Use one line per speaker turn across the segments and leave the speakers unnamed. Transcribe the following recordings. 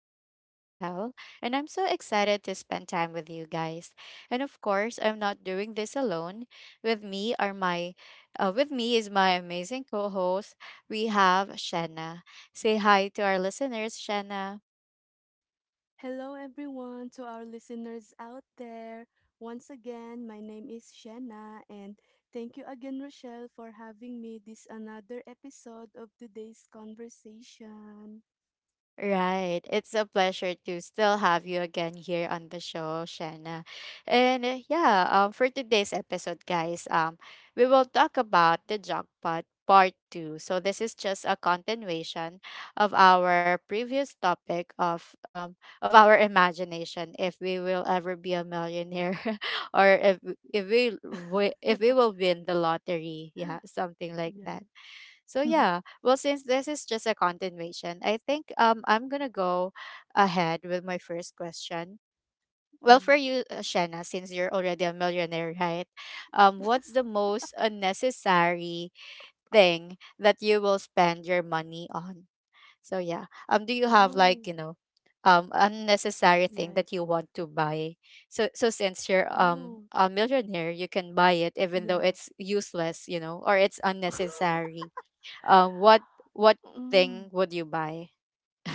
host, Rochelle, and I'm so excited to spend time with you guys. And of course, I'm not doing this alone. With me are my with me is my amazing co-host. We have Shanna. Say hi to our listeners, Shanna.
Hello, everyone, to our listeners out there. Once again, my name is Shanna, and thank you again, Rochelle, for having me this another episode of today's conversation.
Right. It's a pleasure to still have you again here on the show, Shanna. For today's episode, guys, we will talk about the jackpot part two. So this is just a continuation of our previous topic of our imagination if we will ever be a millionaire or if we will win the lottery. Yeah, something like that.
Yeah.
So yeah, well, since this is just a continuation, I think I'm gonna go ahead with my first question. Well,
Mm.
for you, Shanna, since you're already a millionaire, right? What's the most unnecessary thing that you will spend your money on? So do you have
Oh,
like you know, unnecessary thing
like,
that you want to buy? So so since you're um
oh,
a millionaire, you can buy it even though
yeah.
it's useless, you know, or it's unnecessary um what what thing
Mm.
would you buy?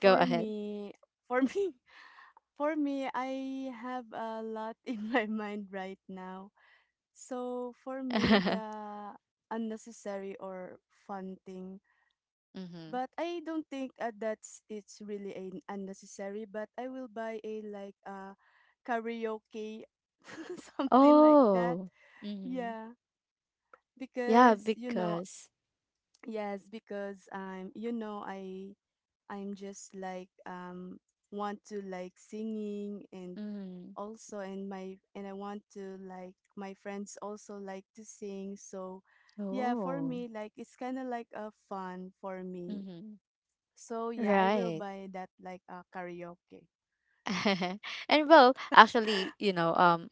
Go ahead.
me, for me, for me, I have a lot in my mind right now. So for me,
Mm-hmm.
the unnecessary or fun thing, but I don't think that's it's really an unnecessary. But I will buy a like a karaoke, something like that.
Oh. Mm-hmm.
Yeah,
Yeah
because you know,
because
yes, because I'm you know I I'm just like want to like singing and
mm-hmm.
also and my and I want to like my friends also like to sing, so yeah, for
Oh.
me like it's kind of like a fun for me,
Mm-hmm.
so yeah, I will
Right.
buy that like a karaoke.
And well, actually, you know,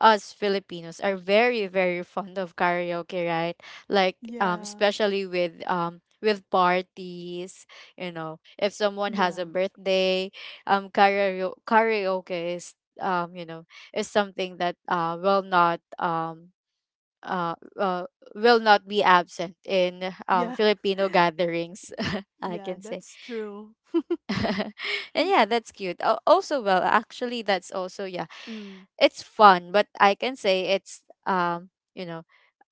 us Filipinos are very, very fond of karaoke, right? Like, um,
Yeah.
especially with um with parties, you know, if someone has
Yeah,
a birthday, karaoke is um, you know, something that uh, uh will not be absent in
yeah.
Filipino gatherings, I
Yeah,
can say.
that's true.
And yeah, that's cute. Al- Also, well, actually, that's also yeah,
Mm,
it's fun, but I can say it's you know,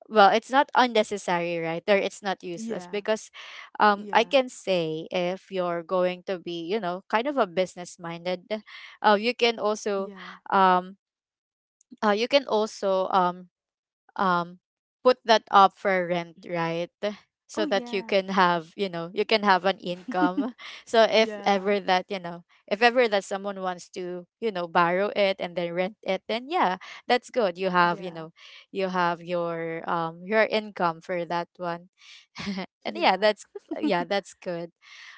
well, it's not unnecessary, right? Or it's not useless
yeah,
because, I
yeah,
can say if you're going to be, you know, kind of a business minded, you can
yeah.
um, you can also um put that up for rent, right,
Oh,
so that you
yeah.
can have, you know, you can have an income. So if
Yeah,
ever that, you know, if ever that someone wants to, you know, borrow it and then rent it, then yeah, that's good. You have, you
yeah,
know, you have your income for that one. and yeah
yeah.
that's Yeah, that's good.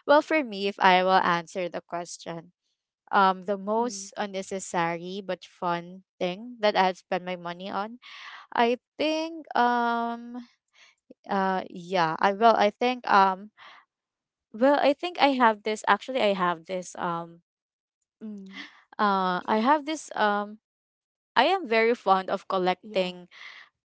Well, for me, if I will answer the question, the most
Mm,
unnecessary but fun thing that I've spent my money on, I think yeah I well I think I have this. Actually I have this
mm,
I have this I am very fond of
yeah.
collecting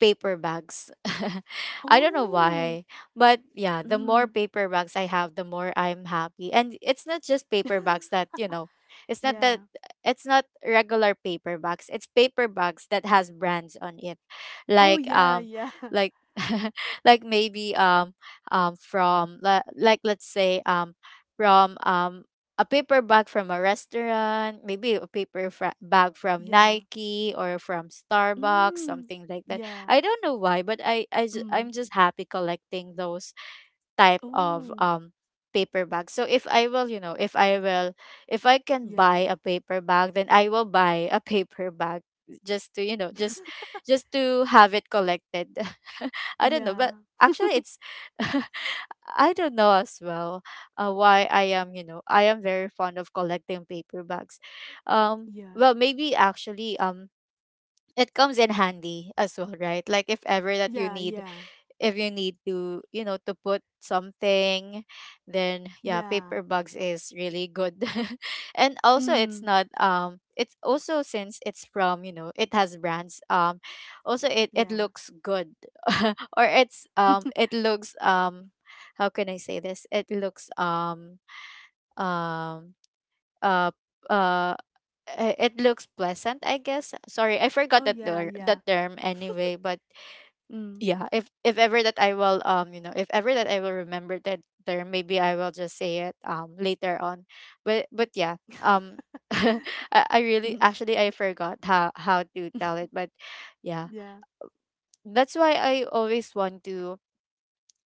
paper bags. I don't know
Oh,
why, but yeah, the more
mm.
paper bags I have, the more I'm happy. And it's not just paper bags that, it's not that
Yeah.
it's not regular paper bags. It's paper bags that has brands on it.
Oh,
Like
yeah,
um
yeah,
like like maybe from li- like let's say from a paper bag from a restaurant, maybe a paper bag from
yeah.
Nike or from Starbucks,
Mm.
something like that.
Yeah.
I don't know why, but I'm
Mm.
just happy collecting those type of
Oh,
um paper bags. So if I will, you know, if I can
yeah.
buy a paper bag, then I will buy a paper bag just to, you know, just to have it collected. I don't know,
Yeah,
but actually it's I don't know as well why I am, you know, I am very fond of collecting paper bags.
yeah.
Well, maybe actually it comes in handy as well, right? Like if ever that you
Yeah,
need,
yeah.
if you need to, you know, to put something, then yeah,
Yeah.
paper bags is really good. And also it's
Mm.
not it's also, since it's from, you know, it has brands, also it
Yeah.
looks good. Or it looks how can I say this, um uh uh it looks pleasant, I guess. Sorry, I forgot
Oh,
that
yeah,
ter-
yeah.
that term anyway, but
Mm.
yeah, if ever that I will, you know, if ever that I will remember that term, maybe I will just say it later on. but but yeah um I, I really,
Mhm.
actually I forgot how to tell it, but yeah,
Yeah.
that's why I always want to,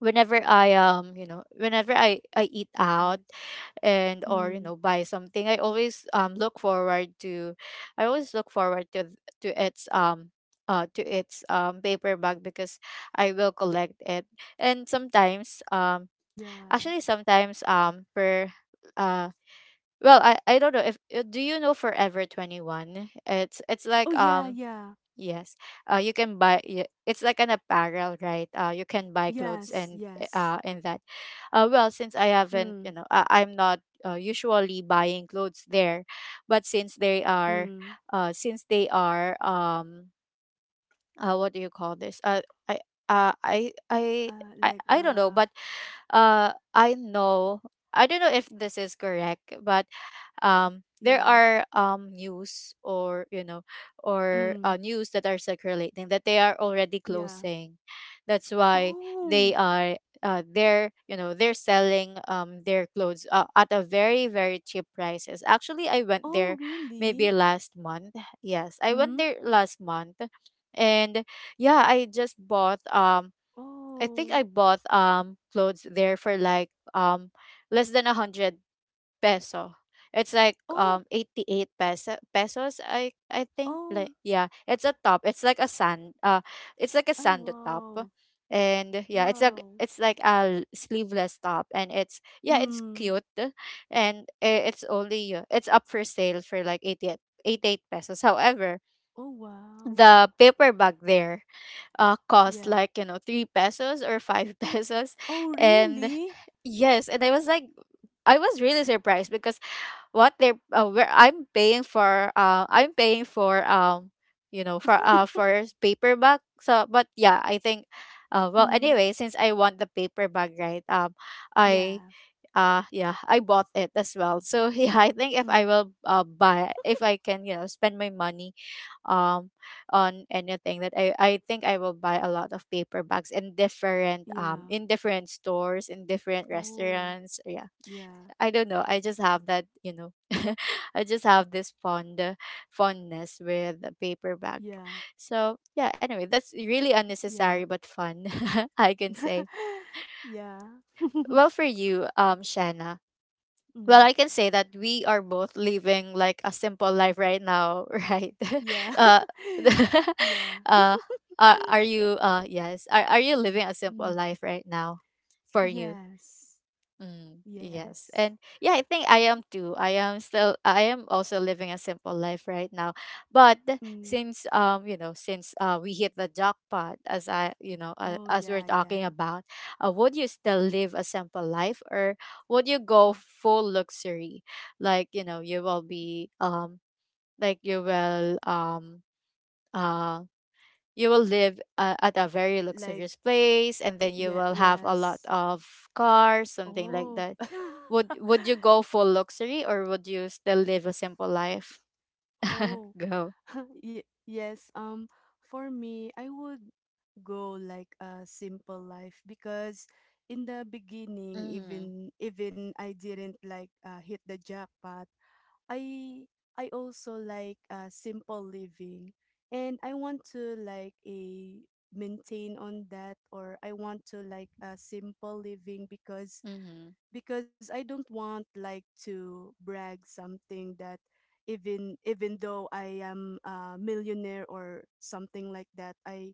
whenever I you know, whenever I eat out
Yes.
and or you
Mm.
know buy something, I always look forward to, I always look forward to its paper bag because I will collect it. And sometimes
Yeah.
actually sometimes for uh , I don't know if do you know Forever 21? It's
Oh,
like
yeah, yeah.
yes. You can it's like an apparel, right? You can buy clothes
Yes,
and
yes.
and that. Well, since I haven't,
Mm.
you know, I'm not usually buying clothes there, but
Mm.
since they are what do you call this? I uh, I I
Uh,
I
like,
I don't know,
uh,
but I know. I don't know if this is correct, but there
yeah.
are news or you know or
Mm.
news that are circulating that they are already
Yeah.
closing. That's why they
Oh!
are they're, you know, they're selling their clothes at a very very cheap prices. Actually I went
Oh,
there maybe
really?
last month. Yes, I went
Mm?
there last month. And yeah, I just bought I think I
Oh.
bought clothes there for like less than 100 peso. It's like
Oh!
88 pesos, I think. Like
Oh!
yeah, it's a top, it's like a sand it's like a
I
sando top.
wow.
And yeah,
Wow.
it's like a sleeveless top, and it's yeah, it's
Mm.
cute. And it's only it's up for sale for like 88 pesos, however
Oh, wow.
the paper bag there cost
Yeah.
like, you know, 3 pesos or 5 pesos.
Oh,
And
really?
yes, and I was like, I was really surprised because what they're where I'm paying for for paperback. So but yeah, I think uh, well,
Mm.
anyway, since I want the paperback, right, I
Yeah.
yeah, I bought it as well. So yeah, I think if I
Mm.
will buy, if I can, you know, spend my money um on anything that I think I will buy a lot of paperbacks
Yeah.
in different stores in different
Oh.
restaurants. Yeah.
Yeah.
I don't know. I just have that, you know, I just have this fondness with a paper bag.
Yeah.
So yeah, anyway, that's really unnecessary
Yeah.
but fun, I can say.
Yeah.
Well, for you, Shanna. Well,
Mm.
I can say that we are both living like a simple life right now, right?
Yeah.
uh,
Yeah.
uh, are you? Yes. Are you living a simple
Mm.
life right now, for you?
Yes.
Mm, yes.
Yes.
And yeah, I think I am too. I am also living a simple life right now. But
Mm.
since you know, since we hit the jackpot as I, you know,
Oh,
as we're
yeah,
talking
yeah.
about, would you still live a simple life or would you go full luxury? Like, you know, like you will um uh you will live at a very
Like,
luxurious place, and then you
yeah.
will have a lot
Yes.
of cars, something like
Oh.
that. would would you go for luxury or would you still live a simple life?
Oh.
Go.
Ye Yes, for me, I would go like a simple life because in the beginning,
Mhm.
even I didn't like hit the jackpot, I I also like simple living, and I want to like a maintain on that, or I want to like a simple living
Mhm.
because I don't want like to brag something that even though I am a millionaire or something like that,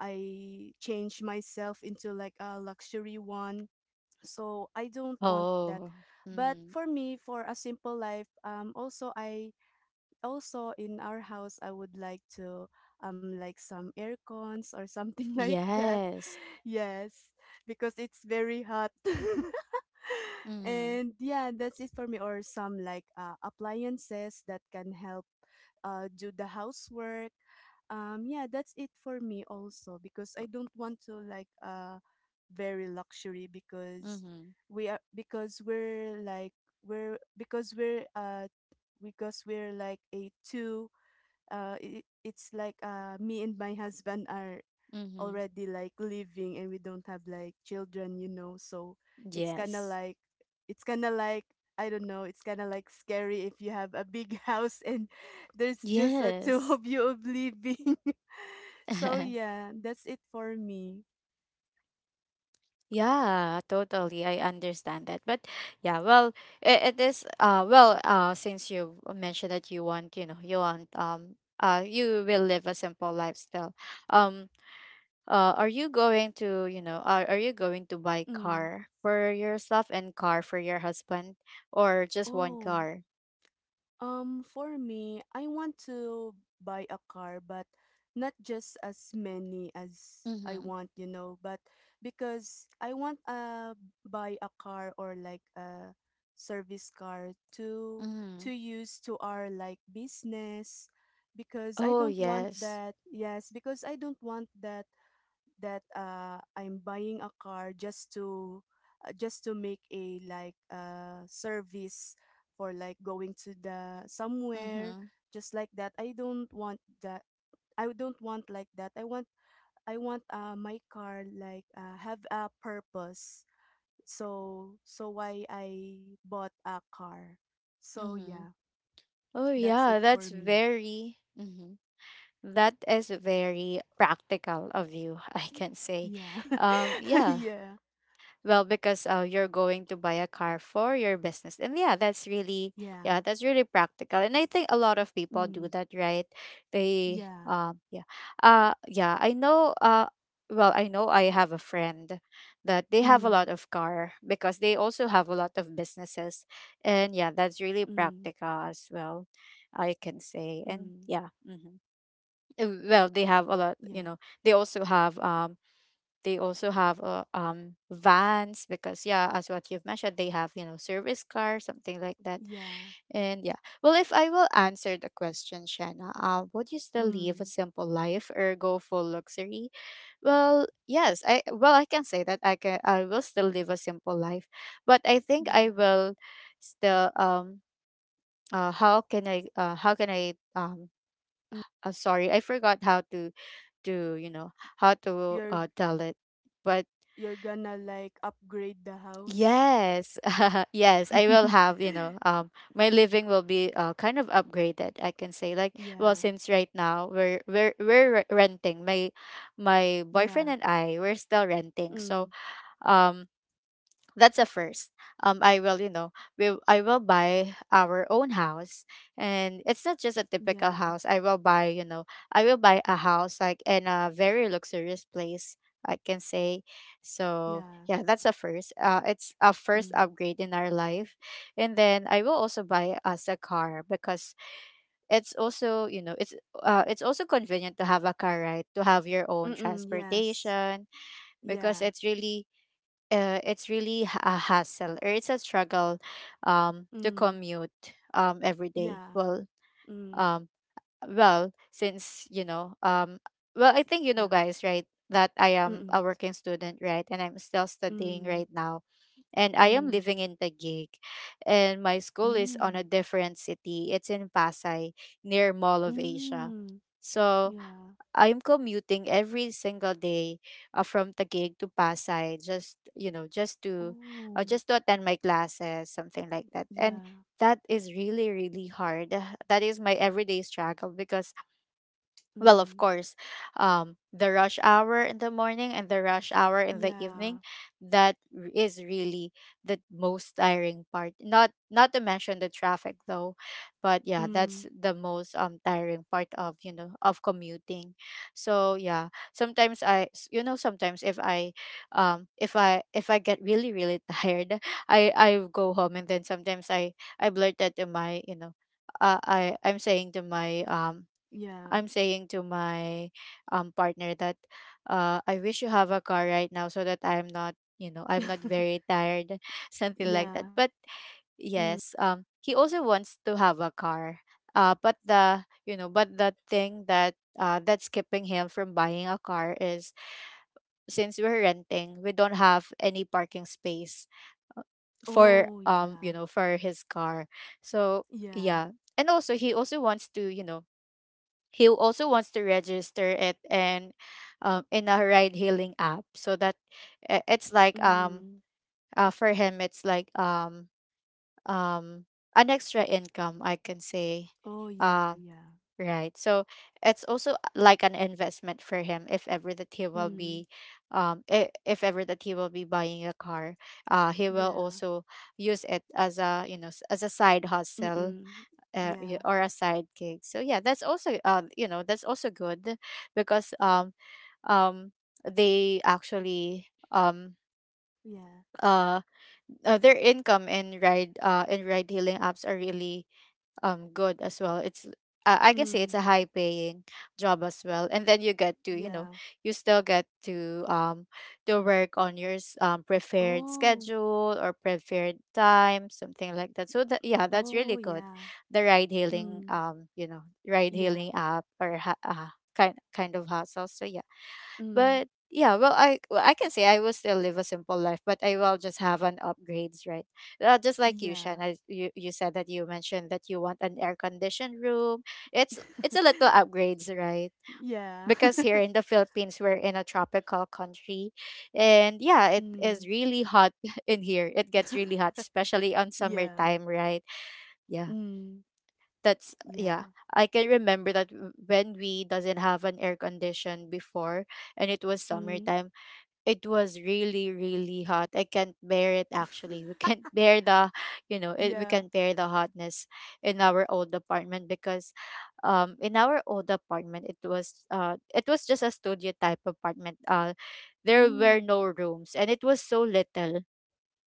I change myself into like a luxury one. So I don't want that.
Oh.
But
Mhm.
for me, for a simple life, also I also in our house I would like to like some air cons or something like that.
Yes.
Yes, because it's very hot.
Mhm.
And yeah, that's it for me. Or some like appliances that can help do the housework. Yeah, that's it for me also because I don't want to like very luxury because
Mhm.
we are because we're like we're because we're because we're like a two it, it's like me and my husband are
Mhm.
already like living and we don't have like children, you know, so it's kind of
Yes.
like it's kind of like I don't know, it's kind of like scary if you have a big house and there's just a two
Yes.
of you of living. So yeah, that's it for me.
Yeah, totally. I understand that. But yeah, well, it is uh, well, uh, since you mentioned that you want, you know, you want you will live a simple lifestyle. Um are you going to, you know, are you going to buy
Mm.
car for yourself and car for your husband or just one
Oh.
car?
For me, I want to buy a car, but not just as many as I
Mm-hmm.
want, you know, but because I want buy a car or like a service car to
Mm-hmm.
use to our like business because I
Oh
don't want
yes.
that. Yes, because I don't want that that I'm buying a car just to make a like service for like going to the somewhere
Mm-hmm.
just like that. I don't want that. I don't want like that. I want my car like have a purpose. So so why I bought a car. So
Mm-hmm.
yeah,
Oh
that's it
yeah,
for
that's
me.
very mm-hmm, that is very practical of you, I can say.
Yeah.
Yeah.
Yeah.
Well, because you're going to buy a car for your business. And
Yeah.
yeah, that's really practical. And I think a lot of people
Mm.
do that, right? They
Yeah.
yeah. Yeah, I know uh, well, I know I have a friend that they have a
Mm.
lot of car because they also have a lot of businesses. And yeah, that's
Mm.
really practical as well, I can say.
Mm.
And yeah. Well, they have a lot,
Yeah,
they also have um they also have vans because yeah, as what you've mentioned, they have service car, something like that.
yeah.
And yeah, well, if I will answer the question, Shanna, would you still live a
Mm,
simple life or go full luxury? Well, yes, I can say that I will still live a simple life, but I think I
yeah.
will still how can I sorry I forgot how to to you know how to
You're
tell it, but
gonna like upgrade the house.
yes, yes, I will have, my living will be kind of upgraded, I can say. Like, well,
Yeah,
since right now renting. My boyfriend
yeah.
and I, we're still renting. So,
Mm,
um that's a first. I will, we I will buy our own house, and it's not just a typical
yeah,
house. I will buy, I will buy a house like in a very luxurious place. I can say, so
yeah.
yeah, that's a first. It's a first
Mm.
upgrade in our life, and then I will also buy us a car because it's also, you know, it's also convenient to have a car, right? To have your own
Mm-mm, yes.
transportation because
Yeah.
it's really a hassle or it's a struggle to
Mm.
commute every day
Yeah. Mm.
um well since well I think
Yeah.
guys right that I am a
Mm-mm.
working student right and I'm still studying
Mm.
right now and I am
Mm.
living in Taguig and my school is on
Mm.
a different city it's in Pasay near Mall of Asia
Mm.
so
Yeah.
I'm commuting every single day from Taguig to Pasay just you know
Oh.
just to attend my classes something like that and
Yeah.
that is really really hard that is my everyday struggle because well, of
Mm.
course, the rush hour in the morning and the rush hour in the
Yeah.
evening, that is really the most tiring part. Not to mention the traffic though, but yeah,
Mm.
that's the most tiring part of of commuting. So yeah, sometimes I s- you know sometimes if I if I if I get really really tired, I go home and then sometimes I blurt out to my I'm saying to my
Yeah.
I'm saying to my partner that I wish you have a car right now so that I'm not, you know, I'm not very tired, something like that.
Yeah.
But
Mm.
yes, he also wants to have a car. But but the thing that that's keeping him from buying a car is since we're renting, we don't have any parking space for
Oh, yeah.
for his car. So
Yeah.
yeah. And also he also wants to, he also wants to register it and in a ride hailing app so that I- it's like
Mm.
for him it's like um an extra income I can say
Oh, yeah,
uh,
yeah.
right so it's also like an investment for him if ever that he will
Mm.
be if ever that he will be buying a car he will
Yeah.
also use it as a as a side hustle
Mm-mm. Yeah.
or a side gig. So yeah, that's also that's also good because um they actually
Yeah.
uh, their income in ride hailing apps are really good as well it's I can say
Mm.
it's a high paying job as well and then you get to
Yeah.
you still get to work on your preferred
Oh.
schedule or preferred time something like that so that yeah that's
Oh,
really good
yeah.
the ride hailing
Mm.
ride
Yeah.
hailing app or kind of hustle so yeah
Mm.
but yeah, well, I can say I will still live a simple life, but I will just have an upgrades, right? Just like you,
Yeah.
Shan, you you said that you mentioned that you want an air conditioned room. It's a little upgrades, right?
Yeah.
Because here in the Philippines, we're in a tropical country, and yeah, it is
Mm.
really hot in here. It gets really hot, especially on
Yeah.
summertime, right? Yeah,
Mm.
that's yeah.
Yeah.
I can remember that when we doesn't have an air condition before, and it was
Mm.
summertime it was really really hot I can't bear it actually we can't bear the we
Yeah.
can't bear the hotness in our old apartment because in our old apartment it was just a studio type apartment there were
Mm.
no rooms and it was so little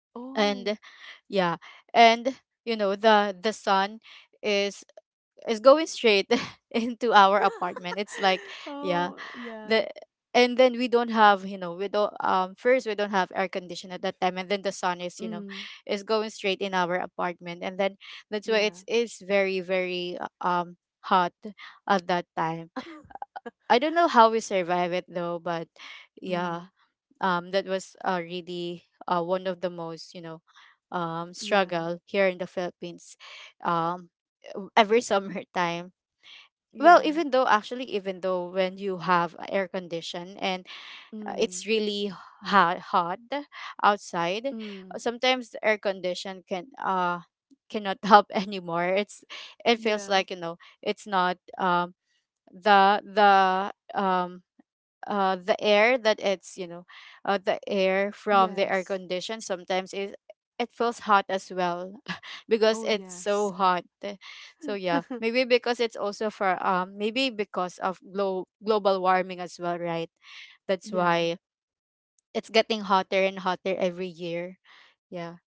Oh.
and yeah and the sun is is going straight into our apartment it's like yeah
Oh, yeah.
the and then we don't have we don't first we don't have air condition at that time and then the sun is
Mm.
is going straight in our apartment and then that's why
Yeah.
it's very very hot at that time I don't know how we survive it though but
Mm,
yeah that was really one of the most
yeah,
struggle here in the Philippines um every summertime well
yeah,
even though actually even though when you have a air condition and
mm,
it's really hot outside.
mm,
Sometimes the air condition cannot help anymore. It's it feels
yeah,
like it's not the the um the air that it's the air from the air
yes,
condition sometimes it it feels hot as well
oh
because it's so
yes,
hot so yeah maybe because it's also for maybe because of global warming as well right that's
yeah,
why it's getting hotter and hotter every year. Yeah.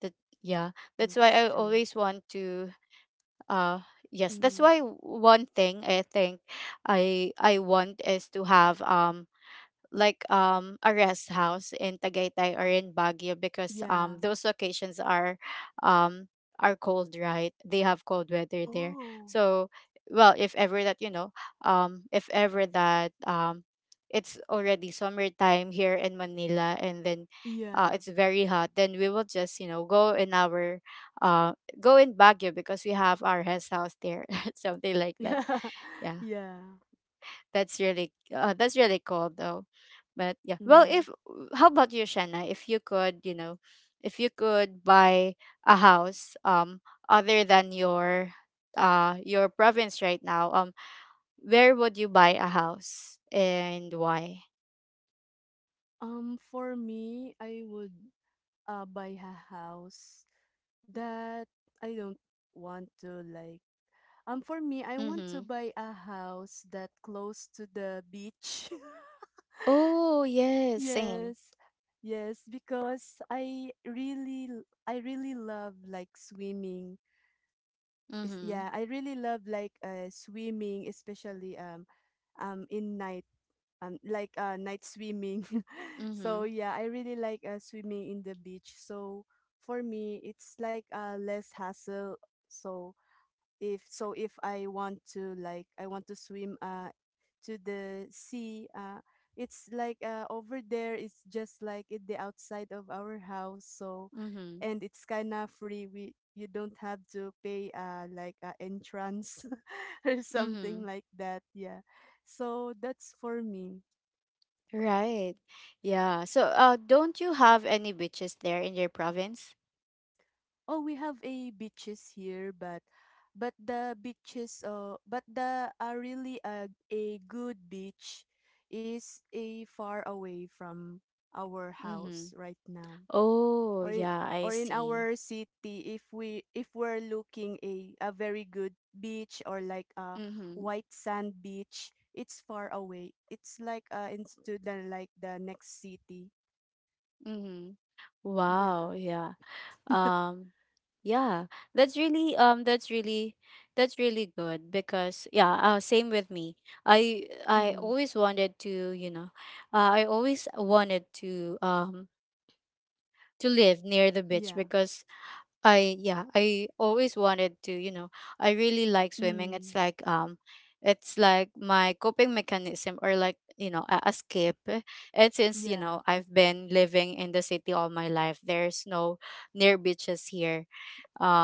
That yeah. That's why
that's
I
true.
always want to uh yes, that's
Mm,
why one thing I think I want is to have like a rest house in Tagaytay or in Baguio because
yeah,
those locations um are cold right they have cold weather there
oh,
so well if ever that if ever that it's already summertime here in Manila and then
yeah,
it's very hot then we will just go in our uh go in Baguio because we have our rest house there something like that
yeah,
yeah
yeah.
that's really cool though. But yeah. Well,
Mm.
if how about you, Shanna? If you could, if you could buy a house other than your province right now, where would you buy a house and why?
For me, I would buy a house that I don't want to like. For me, I want to
Mhm.
buy a house that close to the beach.
Oh, yes, same.
Yes. Yes, because I really I really love like swimming. Is
Mhm.
yeah, I really love like swimming, especially in night like night swimming. So
Mhm.
yeah, I really like swimming in the beach. So for me, it's like less hassle. So if I want to like I want to swim, to the sea. It's like over there. It's just like at the outside of our house, so
Mhm.
and it's kind of free. We you don't have to pay like entrance or something
Mhm.
like that. Yeah, so that's for me.
Right. Yeah. So, don't you have any beaches there in your province?
Oh, we have a beaches here, but the beaches but the really a good beach is a far away from our
Mhm.
house right now.
Oh,
Or in
yeah, I
or in
see.
our city, if we if we're looking a very good beach or like a
Mm-hmm.
white sand beach, it's far away. It's like into the like the next city.
Mm-hmm. Wow,
Yeah.
yeah. Um yeah, that's really that's really that's really good because yeah, same with me. I
Mm,
always wanted to, I always wanted to live near the beach
yeah.
because I yeah, I always wanted to, I really like swimming.
Mm,
It's like my coping mechanism or like, a escape. And since,
yeah.
I've been living in the city all my life, there's no near beaches here.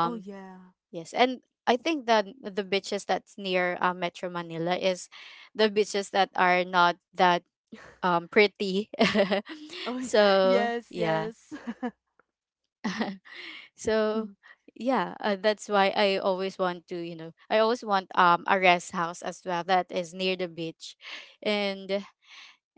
Oh, yeah.
yes, and I think that the beaches that's near Metro Manila is the beaches that are not that pretty.
Oh, y
So,
yes,
yeah.
yes.
So
Mm,
yeah, that's why I always want to, I always want a rest house as well that is near the beach, and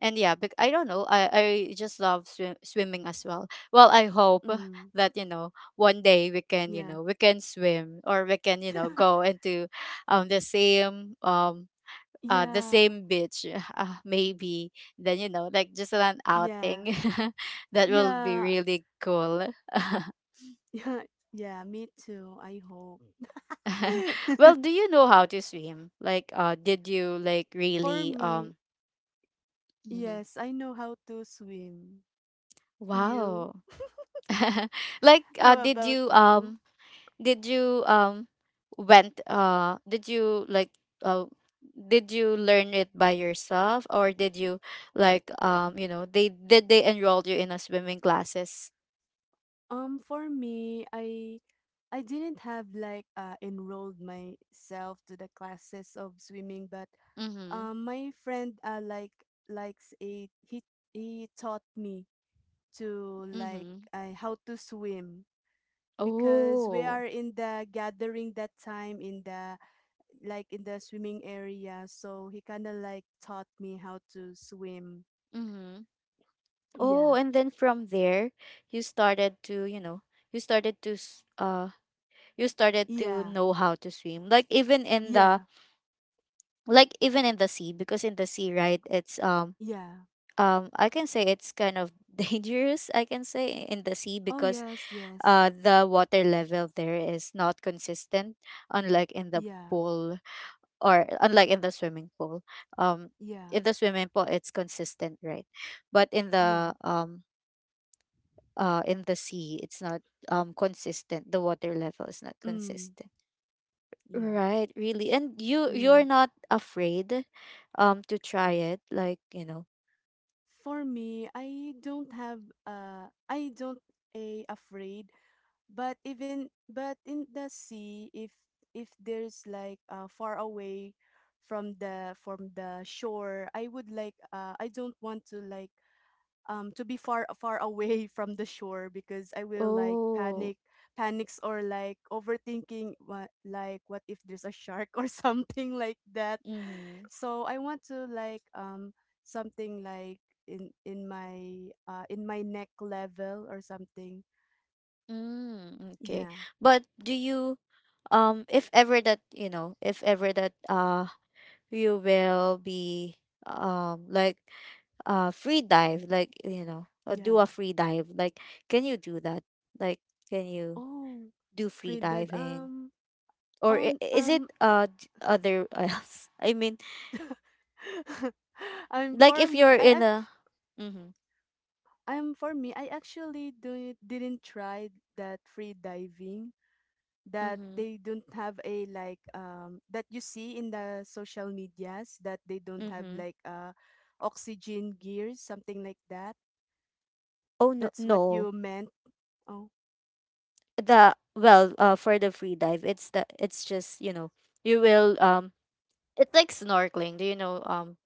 and yeah, but I don't know, I just love swimming as well. Well, I hope
mm,
that one day we can
yeah.
we can swim or we can go into um the same um. The
Yeah,
same beach, maybe. Then you know, like just an
yeah,
outing, that will be
yeah,
really cool.
yeah, yeah, me too, I hope.
well, do you know how to swim? Like, did you like
For
really
me,
um? Mhm.
yes, I know how to swim. You?
Wow. Like,
How
did
about
you
you?
um? Did you um? Went uh? Did you like uh? Did you learn it by yourself, or did you like um? You know, they did they enroll you in a swimming classes?
For me, I didn't have like enrolled myself to the classes of swimming, but
Mm-hmm.
my friend like likes a he taught me to like
Mm-hmm.
how to swim because we
Oh.
are in the gathering that time in the like in the swimming area, so he kind of like taught me how to swim.
Mm-hmm. Oh,
Yeah.
and then from there, you started to you know you started to s- you started to
Yeah.
know how to swim, like, even in the,
Yeah.
like, even in the, sea, because in the sea, right, it's
Yeah.
I can say it's kind of dangerous, I can say, in the sea
Oh
because,
yes. Yes.
the water level there is not consistent, unlike in the
Yeah.
pool, or unlike in the swimming pool. um
Yeah.
in the swimming pool it's consistent, right? But in
Yeah.
the um uh in the sea it's not, consistent. The water level is not
Mm.
consistent.
Yeah.
Right, really. And you're
Mm.
not afraid, to try it.
For me, I don't have I don't a afraid, but even but in the sea, if there's like far away from the shore, I would like I don't want to like to be far far away from the shore because I will like
Oh.
panic, panics or like overthinking what like what if there's a shark or something like that.
Mhm.
So I want to like something like in my neck level or something.
Mm, okay.
Yeah.
But do you, if ever that, you know, if ever that you will be, like, free dive, like, you know, or do a
Yeah.
free dive, like, can you do that? Like, can you
Oh,
do free
free dive.
diving? Or
On
is
um.
it, other else? I mean,
I'm
like,
for
if
me.
you're
I
in
act.
a. Mhm.
I'm for me. I actually do didn't try that free diving that
Mm-hmm.
they don't have a like that you see in the social medias that they don't have
Mm-hmm.
like oxygen gears something like that.
Oh, no,
That's what
no.
you meant. Oh,
The well, for the free dive, it's just, you know, you will, it's like snorkeling. Do you know,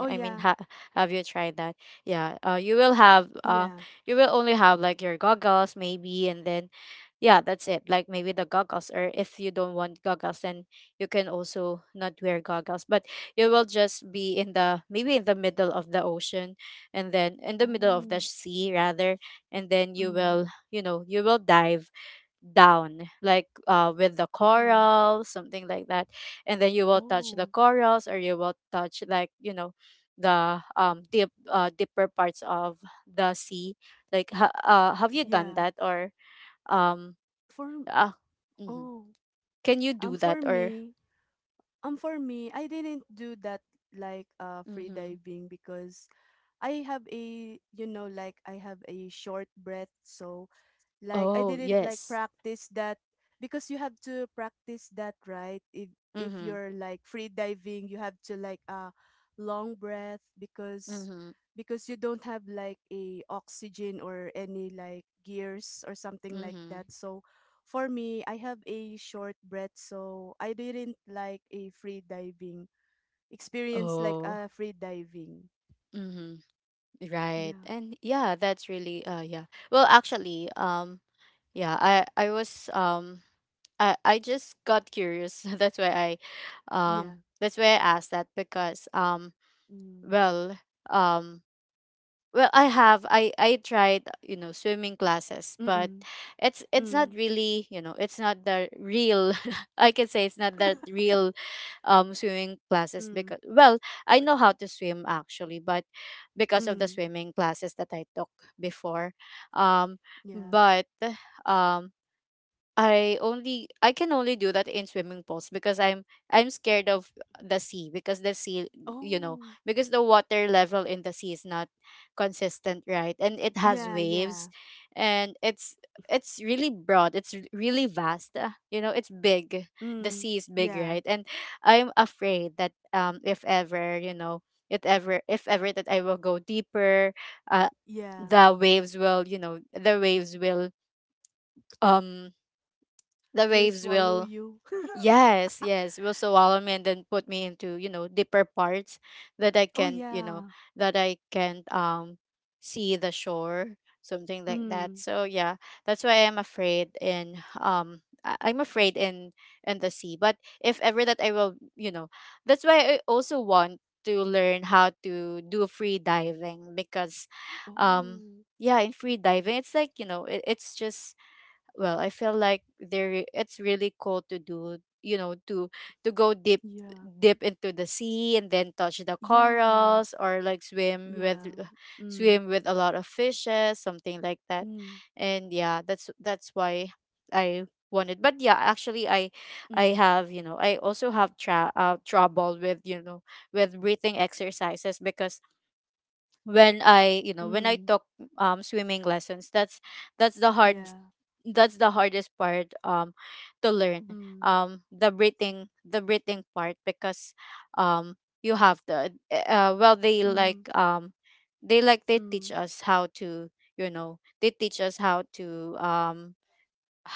oh
I mean,
yeah,
have you tried that? Yeah.
yeah.
You will only have like your goggles maybe, and then, yeah, that's it. Like, maybe the goggles, or if you don't want goggles, then you can also not wear goggles. But you will just be in the, maybe in the middle of the ocean, and then in the middle of
Oh,
the sea rather, and then
mm,
you will dive down, like, with the
oh,
corals, something like that, and then you will touch the
oh,
corals, or you will touch, like, you know, the, deeper parts of the sea, like, have you done
yeah.
that, or um
For
uh, mhm.
oh.
can you do
Um, for
that, or.
me, for me, I didn't do that like free
Mm-hmm.
diving because I have a you know like I have a short breath, so like I
Oh,
didn't like
yes.
practice that because you have to practice that, right? If
Mm-hmm.
you're like free diving, you have to like a long breath
Mm-hmm.
because you don't have like a oxygen or any like gears or something like
Mm-hmm.
that. So for me, I have a short breath, so I didn't like a free diving experience like
Oh.
a free diving.
Mm-hmm. Right,
Yeah.
and yeah, that's really, yeah. Well, actually, yeah, I was I just got curious.
Yeah.
That's why I asked that because,
Mm.
well, um, well, I have I tried, you know, swimming classes, but
Mm.
it's not
Mm.
really, you know, it's not the real. I can say it's not the real, swimming classes
Mm.
because, well, I know how to swim actually, but because of the
Mm.
swimming classes that I took before, um,
Yeah.
but um I only I can only do that in swimming pools because I'm scared of the sea, you know
Oh,
because the water level in the sea is not consistent, right? And it has
yeah,
waves,
yeah.
and it's really broad, really vast, you know, it's big, the
Mm,
sea is big,
yeah,
right? And I'm afraid that, if ever, you know, it ever if ever that I will go deeper, uh
yeah.
the waves will you know um the
Will it
waves
swallow
will
you?
yes, yes, will swallow me and then put me into, you know, deeper parts that I
Oh,
can you know
yeah.
that I can see the shore, something like that,
Mm.
so yeah. That's why I'm afraid in the sea, but if ever that I will you know that's why I also want to learn how to do free diving because, um
Oh,
yeah, in free diving it's like, you know, it's just, well, I feel like there it's really cool to do, to go deep,
yeah.
dip into the sea and then touch the
Yeah,
corals, or like, swim with
yeah.
swim
Mm,
with a lot of fishes, something like that,
mm,
and yeah, that's why I wanted. But yeah, actually,
mm,
I also have trouble with, you know, with breathing exercises because, when I
mm.
took, swimming lessons, that's the hard
Yeah.
that's the hardest part, to learn,
Mm,
the breathing part because, um you have the well
mm,
they teach
mm.
us how to, you know they teach us how to um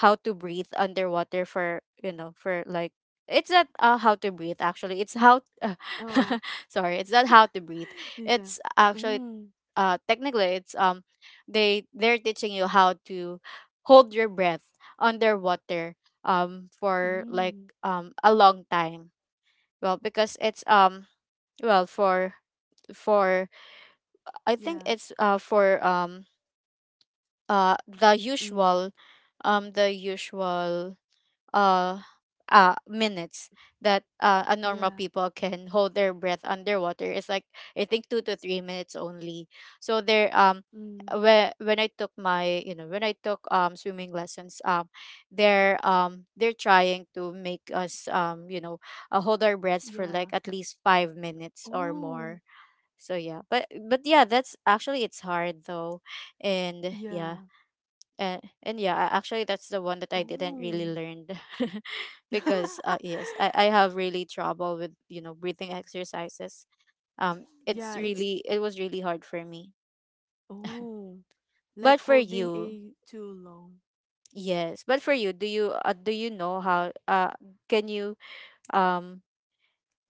how to breathe underwater, for, for like, it's not, how to breathe actually, it's how
Oh,
sorry, it's not how to breathe,
진짜.
it's actually,
음,
technically it's, they're teaching you how to hold your breath underwater, for like,
음.
a long time. Well because it's, well, for, I think
Yeah.
it's, for, uh the
Mm,
usual the usual uh, minutes that, a normal
yeah.
people can hold their breath underwater, is like, I think, 2 to 3 minutes only. So there,
Mm,
when I took, swimming lessons, they're trying to make us, you know, hold our breaths for like
yeah.
at least 5 minutes or
Oh,
more. So yeah, but yeah, that's actually, it's hard though, and yeah
yeah.
and yeah a- actually that's the one that I didn't really
Oh.
learn. Because, yes, I have really trouble with, you know, breathing exercises.
Yeah, it's
It was really hard for me.
oh,
But
like
for
holding
you
a too long.
Yes, but for you, do you know how, can you um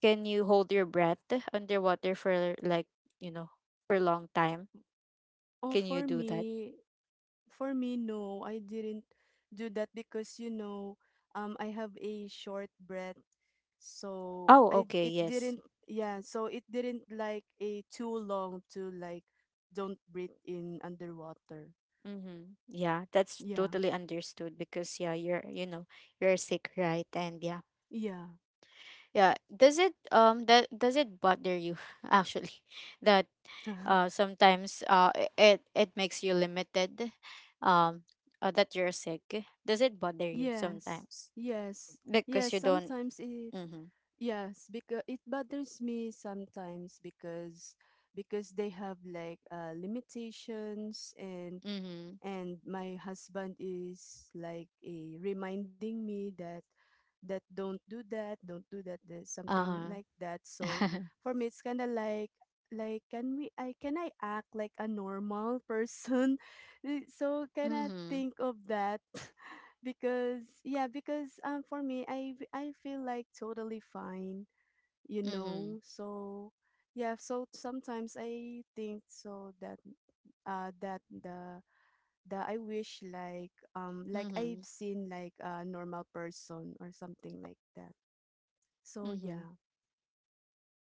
can you hold your breath underwater for like, you know, for a long time?
Oh,
Can you
for
do that?
me, no, I didn't do that because you know, I have a short breath, so
Oh,
I
okay,
it
yes.
didn't, yeah, so it didn't like a too long to like don't breathe in underwater.
Mm-hmm. Yeah, that's
Yeah,
totally understood because yeah, you're you know you're sick, right? And yeah,
yeah,
yeah. Does it bother you actually, that, sometimes, it makes you limited, um that you're sick? Does it bother you
yes,
sometimes
yes,
because
yes.
you don't?
Sometimes it
Mm-hmm.
yes, because it bothers me sometimes because they have like limitations
Mm-hmm.
and my husband is like a reminding me that that don't do that, don't do that, that something
Uh
like that. So
huh.
for me it's kind of like can we I can I act like a normal person? Eh, so can I
Mm-hmm.
think of that? Because yeah because for me I feel like totally fine, you
Mm-hmm.
know, so yeah, so sometimes I think so that that the that I wish like
Mm-hmm.
I've seen like a normal person or something like that. So
Mm-hmm.
yeah.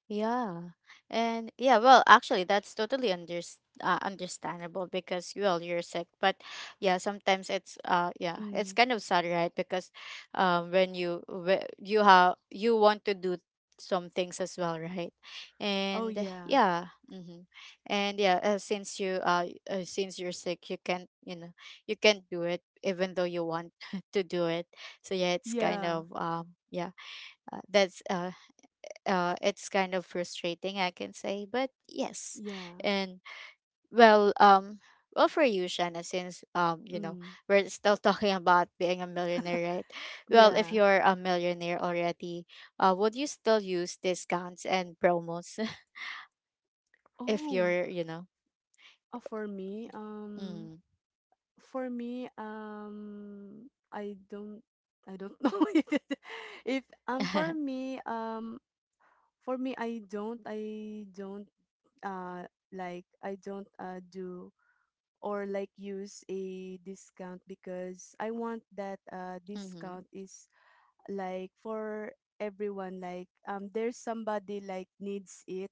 Yeah. And yeah, well, actually that's totally understandable because, well, you're sick, but yeah, sometimes, it's yeah, it's
Mm.
kind of sad, right? Because, when you, whe- you have you want to do some things as well, right?
Oh,
And
yeah,
yeah, mm-hmm. And yeah, since you're sick, you can't, you know, you can't do it even though you want to do it. So yeah, it's kind
yeah,
of, yeah, that's it's kind of frustrating, I can say, but yes.
yeah.
And well, well, for you, Shanna, since, you know,
Mm.
we're still talking about being a millionaire, right? Well, if
Yeah.
you're a millionaire already, would you still use discounts and promos if
Oh
you're, you know,
uh, for me um
mm.
for me I don't I don't know if it, if for me For me, I don't, uh, like, I don't do or like use a discount because I want that
Mm-hmm,
discount is like for everyone, like there's somebody like needs it,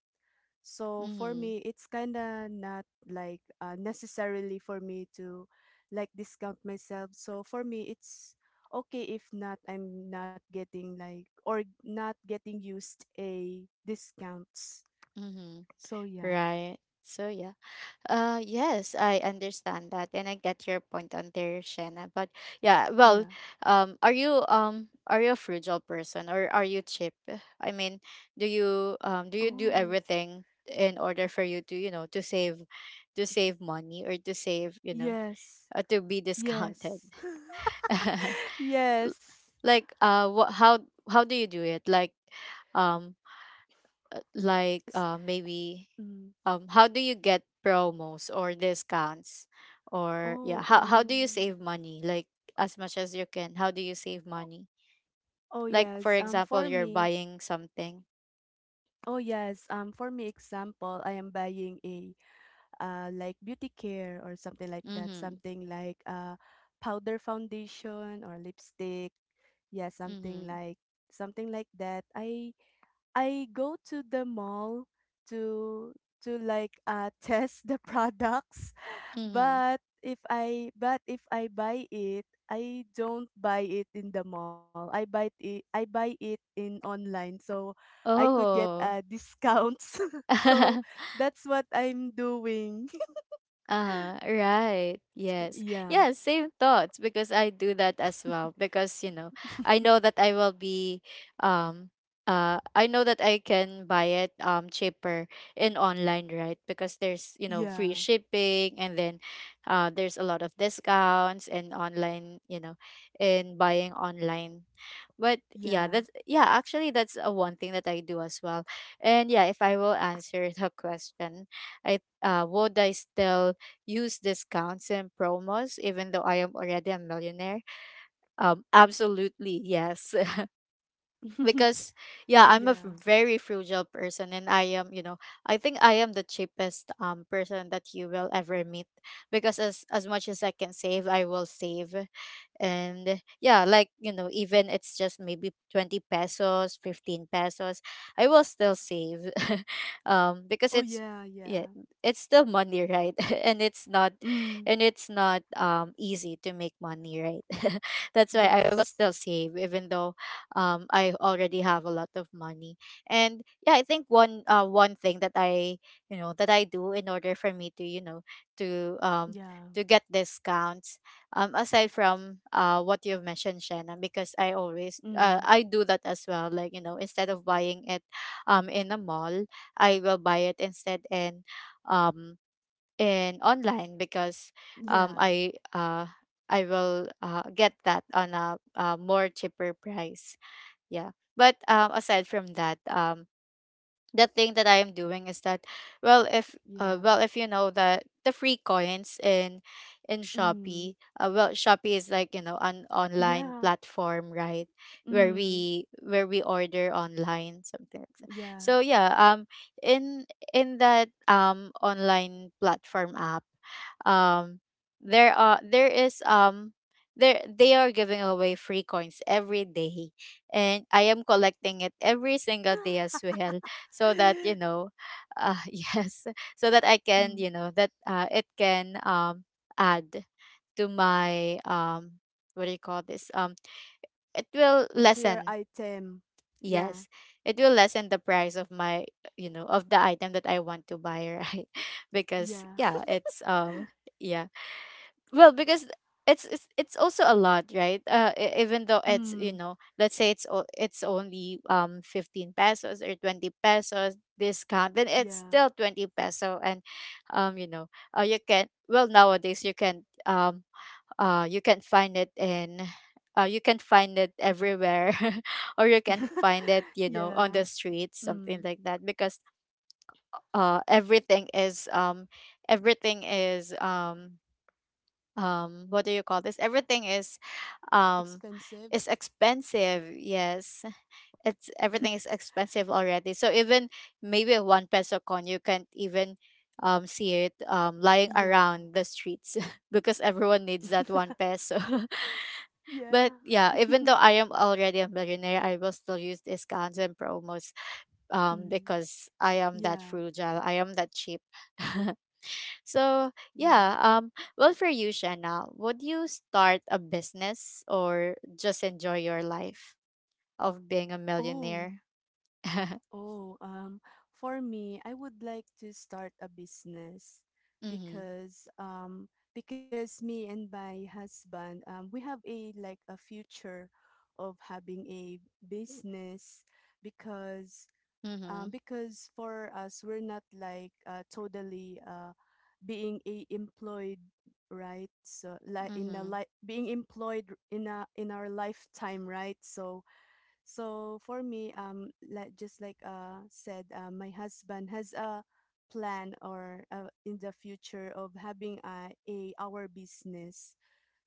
so for
mm-hmm,
me it's kind of not like necessarily for me to like discount myself. So for me it's okay if not, I'm not getting like, or not getting used a discounts,
mm-hmm,
so yeah.
right? So yeah. Yes, I understand that, and I get your point on there, Shanna. But yeah, well,
Yeah.
are you a frugal person or are you cheap? I mean, do you do
Oh
everything in order for you to, you know, to save money, or to save, you know,
yes.
to be discounted?
Yes.
L-
Yes.
like, what how do you do it? Like, um, like,
S-
maybe,
mm.
how do you get promos or discounts, or yeah,
Oh,
how do you
um.
save money, like, as much as you can? How do you save money,
Oh
like, for
yes. Um
example,
for
you're
me,
buying something.
oh yes. Um for me example, I am buying a like beauty care or something like that,
Mhm.
something like powder foundation or lipstick. Yeah, something
Mhm.
like, something like that. I go to the mall to like test the products,
Mhm.
but if I buy it, I don't buy it in the mall. I buy it in online, so I could get
Oh.
discounts. So that's what I'm doing.
Right. Yes.
Yeah.
Yeah, same thoughts because I do that as well because, you know, I know that I will be um I know that I can buy it, cheaper in online, right? Because there's, you know, free
Yeah.
shipping, and then, there's a lot of discounts and online, you know, in buying online, but yeah,
Yeah.
that's yeah actually, that's one thing that I do as well. And yeah, if I will answer the question, I would I still use discounts and promos even though I am already a millionaire? Absolutely, yes. Because yeah,
Oh
I'm a
yeah.
very frugal person, and I think I am the cheapest, person that you will ever meet, because as much as I can save, I will save. And yeah, like, you know, even it's just maybe 20 pesos, 15 pesos, I will still save. Because
Oh
it's
yeah,
Yeah,
yeah.
it's still money, right? and it's not
Mm.
and it's not easy to make money, right? That's why I will
Yes.
still save even though, I already have a lot of money. And yeah, I think one thing that I you know that I do in order for me to, you know, to um
Yeah.
to get discounts, aside from, what you've mentioned, Shannon, because,
Mm.
I do that as well, like, you know, instead of buying it, in a mall, I will buy it instead um in online because, um
Yeah.
I uh I will, get that on a, more cheaper price. Yeah, but, aside from that, the thing that I am doing is that,
Yeah.
well, if you know that, the free coins in Shopee,
Mm.
well, Shopee is like, you know, an online
Yeah.
platform, right? where
Mm.
we where we order online, something like that.
Yeah.
So yeah, in in that online platform app. um there are there is um there they are giving away free coins every day, and I am collecting it every single day as well. So that you know Yes, so that I can,
Mm.
you know that it can, add to my, what do you call this, it will
Tier
lessen.
item. Yeah.
Yes, it will lessen the price of my, of the item that I want to buy, right? Because
Yeah.
yeah, it's yeah, well, because it's also a lot, right? Even though it's, you
Mm.
know, let's say it's it's only 15 pesos or 20 pesos discount, then it's
Yeah.
still 20 peso. And you know, you can, well, nowadays you can, you can find it in, you can find it everywhere, or you can find it, you know, on the
Yeah.
streets, something
Mm.
like that. Because everything is, everything is, what do you call this, everything is, um
Expensive.
is expensive. Yes, it's, everything is expensive already. So even maybe a one peso coin, you can't even see it lying
Yeah.
around the streets, because everyone needs that one peso.
Yeah.
But yeah, even though I am already a millionaire, I will still use discounts and promos,
Mm.
because I am that
Yeah.
frugal, I am that cheap. So
Yeah.
yeah, well, for you, Shanna, would you start a business or just enjoy your life of being a
Oh.
millionaire?
Oh. For me, I would like to start a business
Mm-hmm.
because um because me and my husband, we have a like a future of having a business, because
Mm-hmm.
because for us we're not like totally being a employed, right? So like in a
Mm-hmm.
like being employed in a in our lifetime, right? So, so for me, like just like said, my husband has a plan, or in the future of having a, our business,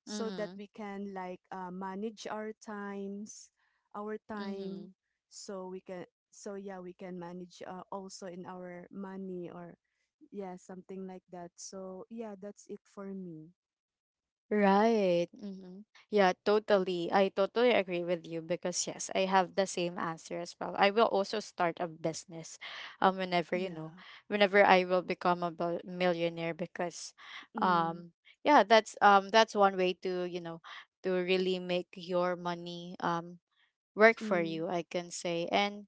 so that
Mm-hmm.
we can like manage our times, our time,
Mm-hmm.
so we can, so yeah, we can manage also in our money, or yeah, something like that, so yeah, that's it for me.
Right. Yeah, totally. I totally agree with you because yes, I have the same answer as well. I will also start a business whenever, you know,
Yeah.
whenever I will become a millionaire, because
Mm.
um yeah, that's one way to, you know, to really make your money work for you,
Mm.
I can say. And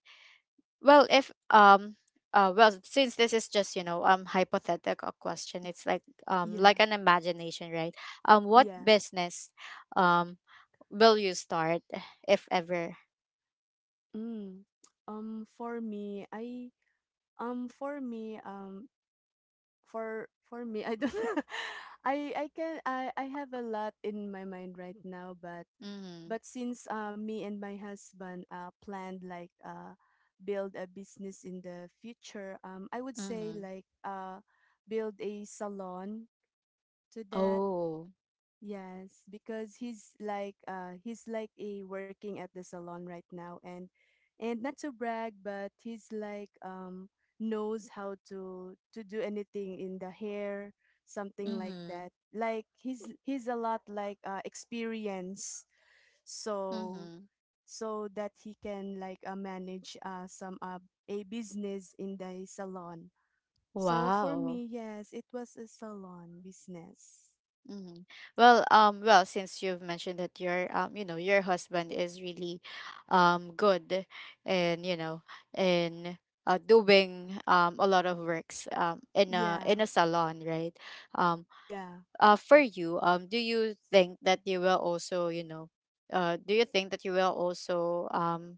well, if well, since this is just, you know, hypothetical question, it's like
Yeah.
an imagination, right? What
Yeah.
business um will you start if ever?
Mm. Um for me I um for me um for me I don't, I can I have a lot in my mind right now, but
Mhm.
since me and my husband planned like build a business in the future, I would say
Mhm.
like, build a salon to that.
Oh.
Yes, because he's like a working at the salon right now, and not to brag, but he's like, knows how to do anything in the hair, something like
Mhm.
that. Like, he's a lot like experience, so
Mhm.
so that he can like manage some a business in the salon. So for
Wow.
me, yes, it was a salon business.
Mhm. Well, well, since you've mentioned that your, you know, your husband is really, good, and you know, in doing a lot of works in a
Yeah.
salon, right? Um,
Yeah.
for you, do you think that you will also, you know, do you think that you will also,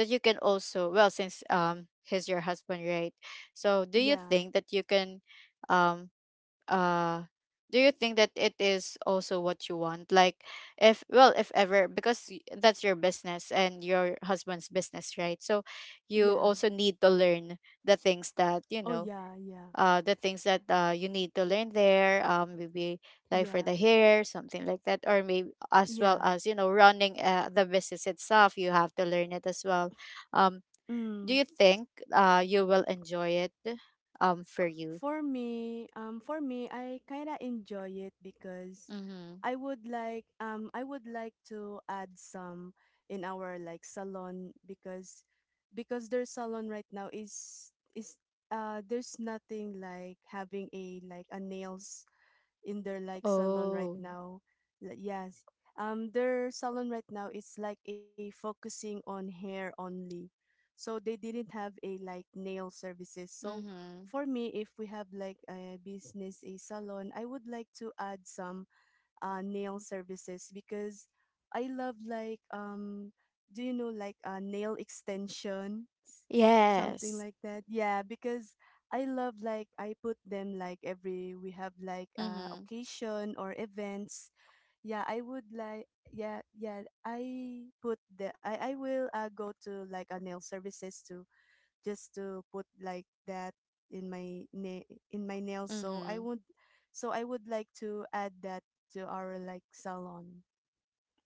that you can also, well, since he's your husband, right? So, do you
Yeah,
think that you can, um uh do you think that it is also what you want, like if, well, if ever, because that's your business and your husband's business, right? So you
yeah.
also need to learn the things that, you
Oh
know,
yeah,
the things that you need to learn there, maybe like for
yeah,
the hair, something like that, or maybe as well
yeah.
as, you know, running the business itself, you have to learn it as well. um do
Mm.
you think you will enjoy it, for you?
For me, I kinda enjoy it because
Mm-hmm.
I would like, I would like to add some in our like salon, because their salon right now is there's nothing like having a like a nails in their like salon right
Oh.
now. Like, yes. Um, their salon right now it's like a focusing on hair only. So they didn't have a like nail services. So
Mhm.
for me, if we have like a business a salon, I would like to add some nail services, because I love like, do you know like nail extensions, something
Yes.
like that, yeah, because I love like, I put them like every we have like
Mhm.
occasion or events, yeah, I would like, yeah, yeah, I put the I will go to like a nail services to just to put like that in my in my nails. So I
Mhm.
would, so I would like to add that to our like salon.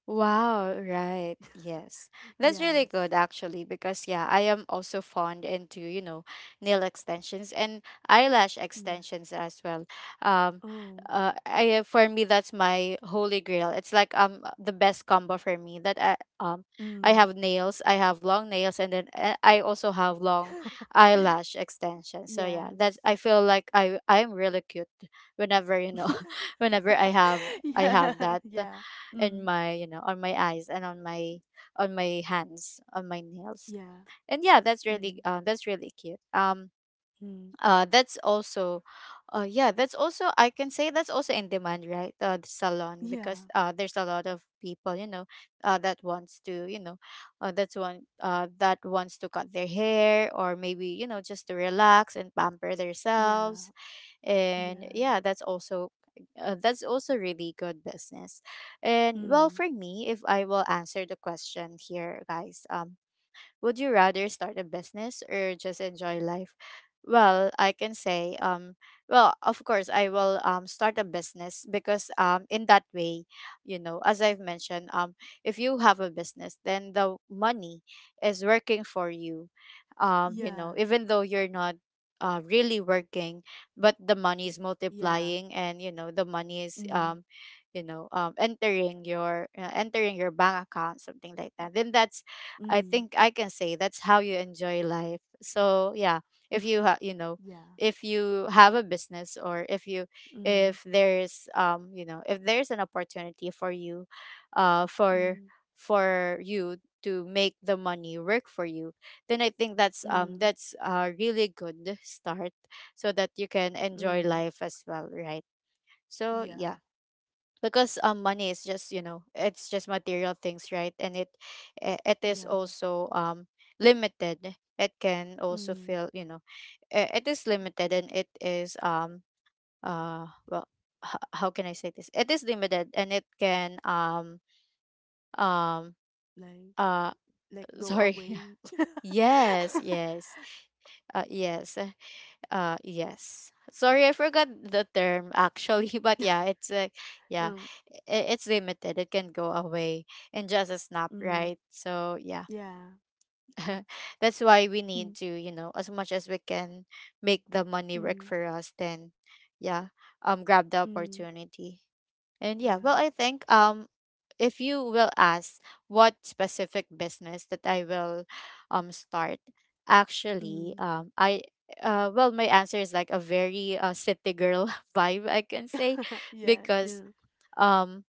Wow, right. Yes. That's
Yes.
really good actually, because yeah, I am also fond into, you know, nail extensions and eyelash
Yeah.
extensions as well. Um
Oh.
I, for me, that's my holy grail. It's like the best combo for me, that I
Mm.
have nails, I have long nails, and then I also have long eyelash extensions. So yeah,
Yes.
that's, I feel like I'm really cute whenever, you know, whenever I have, I have
Yeah.
that
Yeah.
in
Mm.
my, you know, on my eyes, and on my, on my hands, on my nails.
Yeah.
And yeah,
Mm.
that's really cute,
Mm.
that's also, yeah, that's also, I can say, that's also in demand, right? The salon, because
Yeah.
there's a lot of people, you know, that wants to, you know, that's one, that wants to cut their hair, or maybe, you know, just to relax and pamper
Yeah.
themselves. And
Yeah.
yeah, that's also really good business. And well,
Mm.
for me, if I will answer the question here, guys, would you rather start a business or just enjoy life? Well, I can say, well, of course, I will start a business because, in that way, you know, as I've mentioned, if you have a business, then the money is working for you. You know,
Yeah.
even though you're not really working, but the money is
Yeah.
multiplying, and you know, the money is,
Mm.
you know, entering your bank account, something like that, then that's, I
Mm.
think I can say, that's how you enjoy life. So yeah, if you you know,
Yeah.
if you have a business, or if you,
Mm.
if there's you know, if there's an opportunity for you, uh for
Mm.
for you to make the money work for you, then I think
Mm.
that's a really good start, so that you can enjoy
Mm.
life as well, right? So
Yeah,
yeah, because money is just, you know, it's just material things, right? And it, it is
yeah.
also limited. It can also
Mm,
feel, you know, it is limited, and it is well, how can I say this, it is limited, and it can um
like
uh
like go
sorry.
away.
Yes, yes, yes. Yes. Sorry, I forgot the term actually, but yeah, it's like, yeah,
Um,
it's limited. It can go away in just a snap,
mm,
right? So, yeah.
yeah.
That's why we need
Mm,
to, you know, as much as we can make the money work
mm,
for us, then yeah, grab the
mm,
opportunity. And yeah, well,
yeah.
I think if you will ask what specific business that I will start, actually,
Mm.
I well, my answer is like a very city girl vibe, I can say,
Yeah,
because
yeah.
um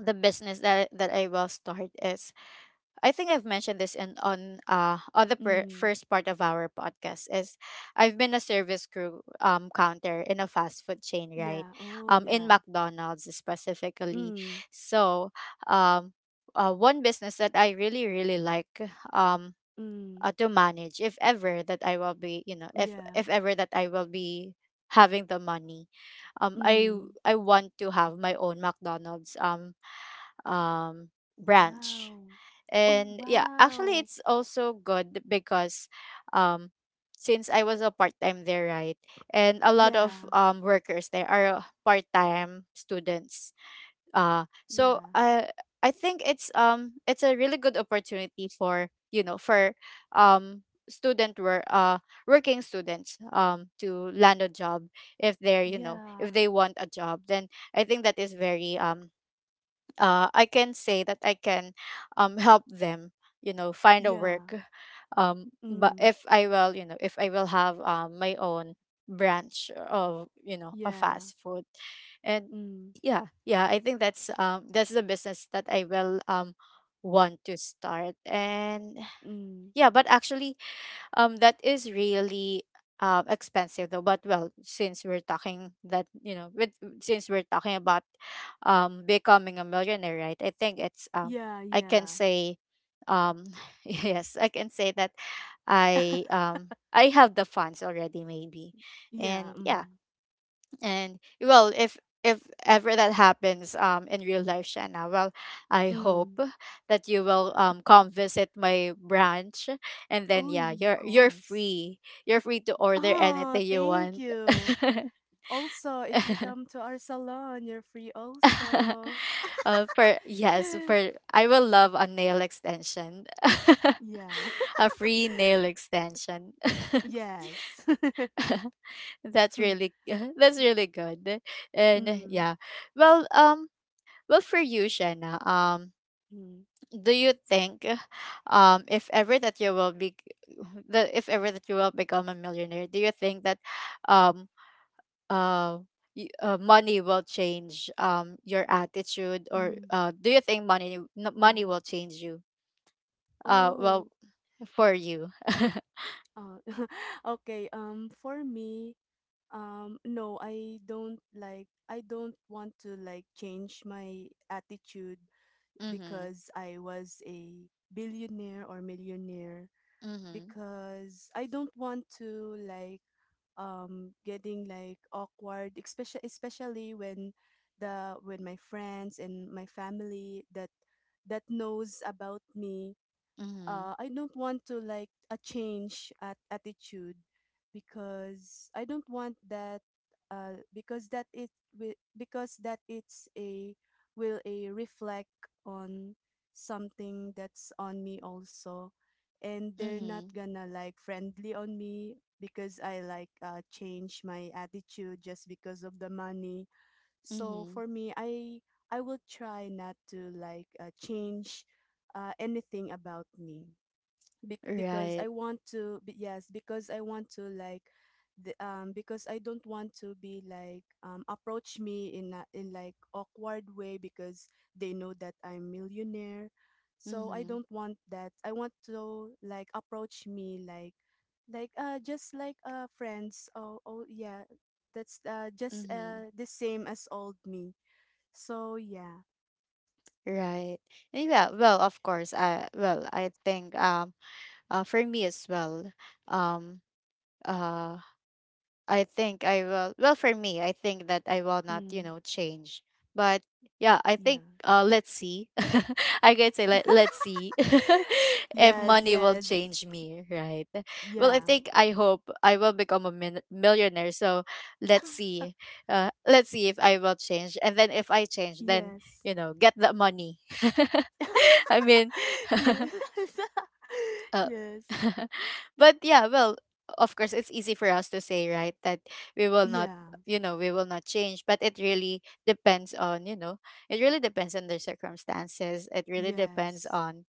the business that I will start is, I think I've mentioned this in on the
Mm,
first part of our podcast, is I've been a service crew counter in a fast food chain, right?
yeah. Oh,
In
yeah.
McDonald's specifically.
Mm,
So, um one business that I really really like, um
mm,
to manage if ever that I will be, you know, if
yeah.
if ever that I will be having the money. Um I
Mm.
I want to have my own McDonald's um branch.
Wow. Oh,
And yeah, actually
wow.
it's also good because, um since I was a part-time there, right, and a lot of
Yeah.
workers there are part-time students, so
Yeah.
I think it's a really good opportunity for, you know, for um student work, working students to land a job, if they're, you know, if
Yeah.
they want a job, then I think that is very I can say that I can, help them, you know, find a
Yeah.
work. But
Mm.
if I will, you know, if I will have my own branch of, you know, a
Yeah.
fast food, and
Mm.
yeah, yeah, I think that's the business that I will want to start. And
Mm.
yeah, but actually, that is really expensive though. But well, since we're talking that, you know, with, since we're talking about becoming a millionaire, right, I think it's
Yeah,
I can
yeah.
say, um yes, I can say that, I I have the funds already, maybe.
Yeah.
And
Mm.
yeah, and well, if ever that happens in real life, Shanna, well, I
Mm.
hope that you will come visit my branch, and then
Oh, y-
yeah,
of
you're
course.
free, you're free to order
Ah,
anything you
thank
want.
you. Also, if you come to our salon, you're free also.
For yes, for, I will love a nail extension.
Yeah.
A free nail extension.
Yes.
That's
Mm,
really that's really good. And yeah, well, well, for you, Shanna,
mm,
do you think if ever that you will be, that if ever that you will become a millionaire, do you think that um uh, money will change your attitude? Or
mm.
do you think money money
Oh,
will change you?
oh.
Well, for you.
Uh, okay. For me, no, I don't like. I don't want to like change my attitude
Mhm.
because I was a billionaire or millionaire,
Mhm.
because I don't want to like getting like awkward, especially when the when my friends and my family that knows about me,
Mhm.
I don't want to like a change at attitude, because I don't want that, because that it's a will a reflect on something that's on me also, and they're not
Mhm.
gonna like friendly on me because I like change my attitude just because of the money. So
Mhm.
for me, I will try not to like change anything about me. Because
Right.
I want to be, yes, because I want to like the because I don't want to be like approach me in a, in like awkward way, because they know that I'm millionaire. So I
Mhm.
don't want that, I want to like approach me like just like friends. Oh, oh yeah, that's just
Mhm.
the same as old me, so yeah.
Right. Yeah, well, of course I, well, I think for me as well, um uh I think I will, well, for me, I think that I will not, you
Mm,
know, change. But yeah, I think
yeah.
let's see. I can say, let's see. If
Yes,
money will
yes.
change me, right? Well, I
Yeah.
think, I hope I will become a millionaire, so let's see, let's see if I will change. And then, if I change, then,
Yes.
you know, get the money. I mean.
Yes.
Uh,
Yes.
but yeah, well, of course, it's easy for us to say, right, that we will not,
Yeah.
you know, we will not change. But it really depends on, you know, it really depends on the circumstances. It really depends
Yes.
on,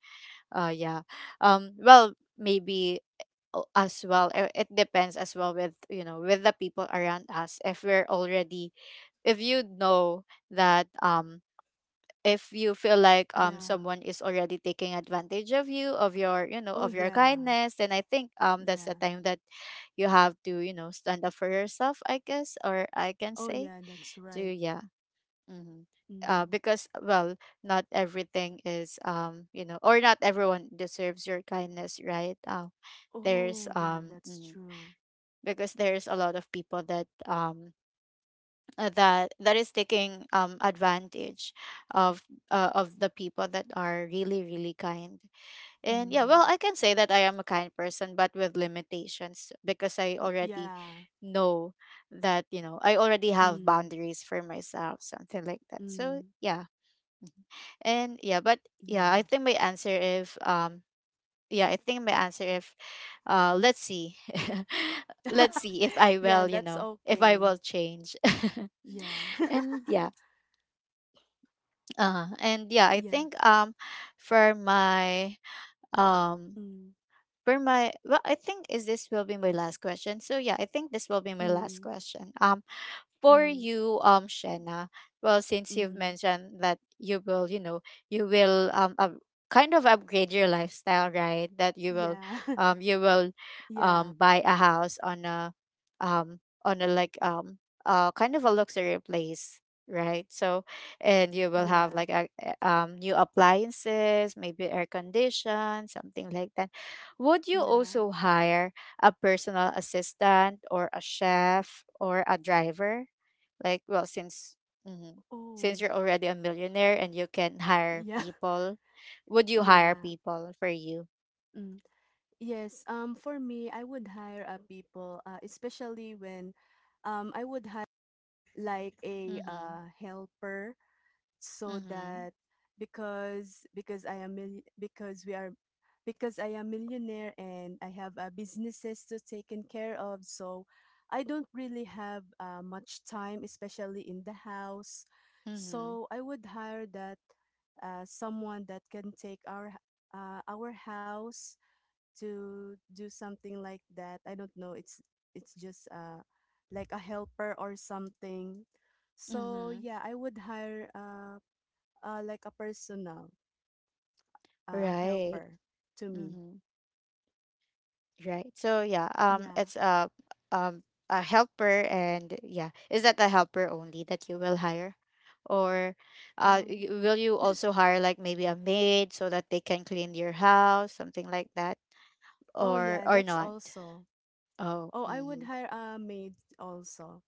uh, yeah, well, maybe as well, it depends as well with with the people around us. If we're already, if you know that, if you feel like
Yeah.
someone is already taking advantage of you, of your you know
Oh
of your
yeah.
kindness, then I think, that's the
Yeah.
time that you have to, you know, stand up for yourself, I guess. Or I can
Oh
say
yeah, that's
to,
right.
yeah. Mm-hmm.
Mm.
Because, well, not everything is, you know, or not everyone deserves your kindness, right? There's
Oh yeah,
um
that's
mm,
true.
because there's a lot of people that that is taking advantage of, of the people that are really, really kind. And yeah,
Mm.
well, I can say that I am a kind person, but with limitations, because I
Y-
already
Yeah.
know that, you know, I already have
Mm.
boundaries for myself, something like that. So
Mm.
yeah. And yeah. but yeah I
Yeah.
think my answer if Yeah, I think my answer if let's see. let's see if I
Yeah,
will, you
that's
know, if I
okay.
will change.
Yeah.
and yeah. And yeah, I
Yeah.
think for my, um
Mm.
for my, well, I think is, this will be my last question. So yeah, I think this will be my last
Mm.
question. For
Mm.
you, Shena, well, since you've
Mm.
mentioned that you will, you know, you will up, kind of upgrade your lifestyle, right? That
Yeah.
you will,
Yeah.
buy a house on a, on a, like, kind of a luxury place, right? So, and you will have
Yeah.
like a, new appliances, maybe air condition, something like that. Would you
Yeah.
also hire a personal assistant or a chef or a driver? Like, well, since, mhm, since
Oh.
you're already a millionaire and you can hire
Yeah.
people, would you hire
Yeah.
people for you?
Mm. Yes. For me, I would hire a people, especially when, I would hire like a
Mhm.
helper, so
Mhm.
that, because I am mil- because we are because I am millionaire and I have businesses to taken care of, so I don't really have much time, especially in the house.
Mhm.
So I would hire that someone that can take our house, to do something like that. I don't know. It's just like a helper or something. So
Mhm.
yeah, I would hire, uh, like a personal
Right.
helper to me.
Mhm. Right. So yeah,
Yeah.
it's a, um a helper. And yeah, is that a helper only that you will hire? Or
Um.
will you also hire like maybe a maid so that they can clean your house, something like that?
Oh yeah,
Or
that's
not?
also.
Oh.
Oh, I would
Mhm.
hire a maid also.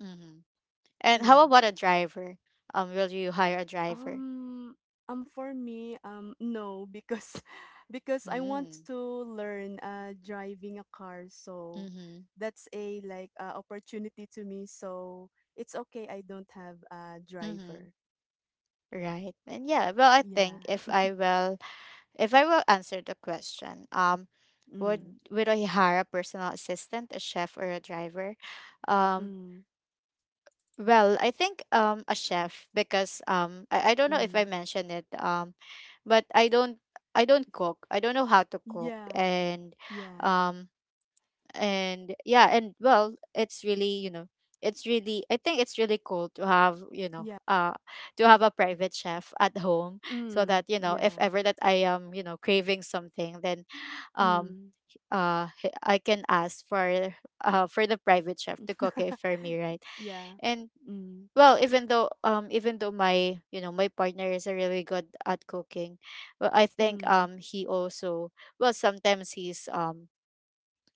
Mhm. And how
Yeah.
about a driver? Will you hire a driver?
Um, for me, no, because because I want
Mm.
to learn driving a car, so
Mm-hmm.
that's a like opportunity to me. So it's okay. I don't have a
Mm-hmm.
driver.
Right. And yeah, well, I think
Yeah.
if I will answer the question, would
Mm.
would I hire a personal assistant, a chef, or a driver? Um,
Mm.
well, I think a chef, because I don't know if I
Mm.
mentioned it, but I don't, I don't cook. I don't know how to cook.
Yeah.
And
Yeah.
um and yeah, and well, it's really, you know, it's really, I think it's really cool to have, you know,
Yeah.
to have a private chef at home, so
Mm.
that, you know, if
Yeah.
ever that I am, you know, craving something, then um
Mm.
I can ask for, for the private chef to cook it for me, right?
Yeah.
And,
Mm.
well, even though, even though my, you know, my partner is a really good at cooking, well, I think
Mm.
he also, well, sometimes he's,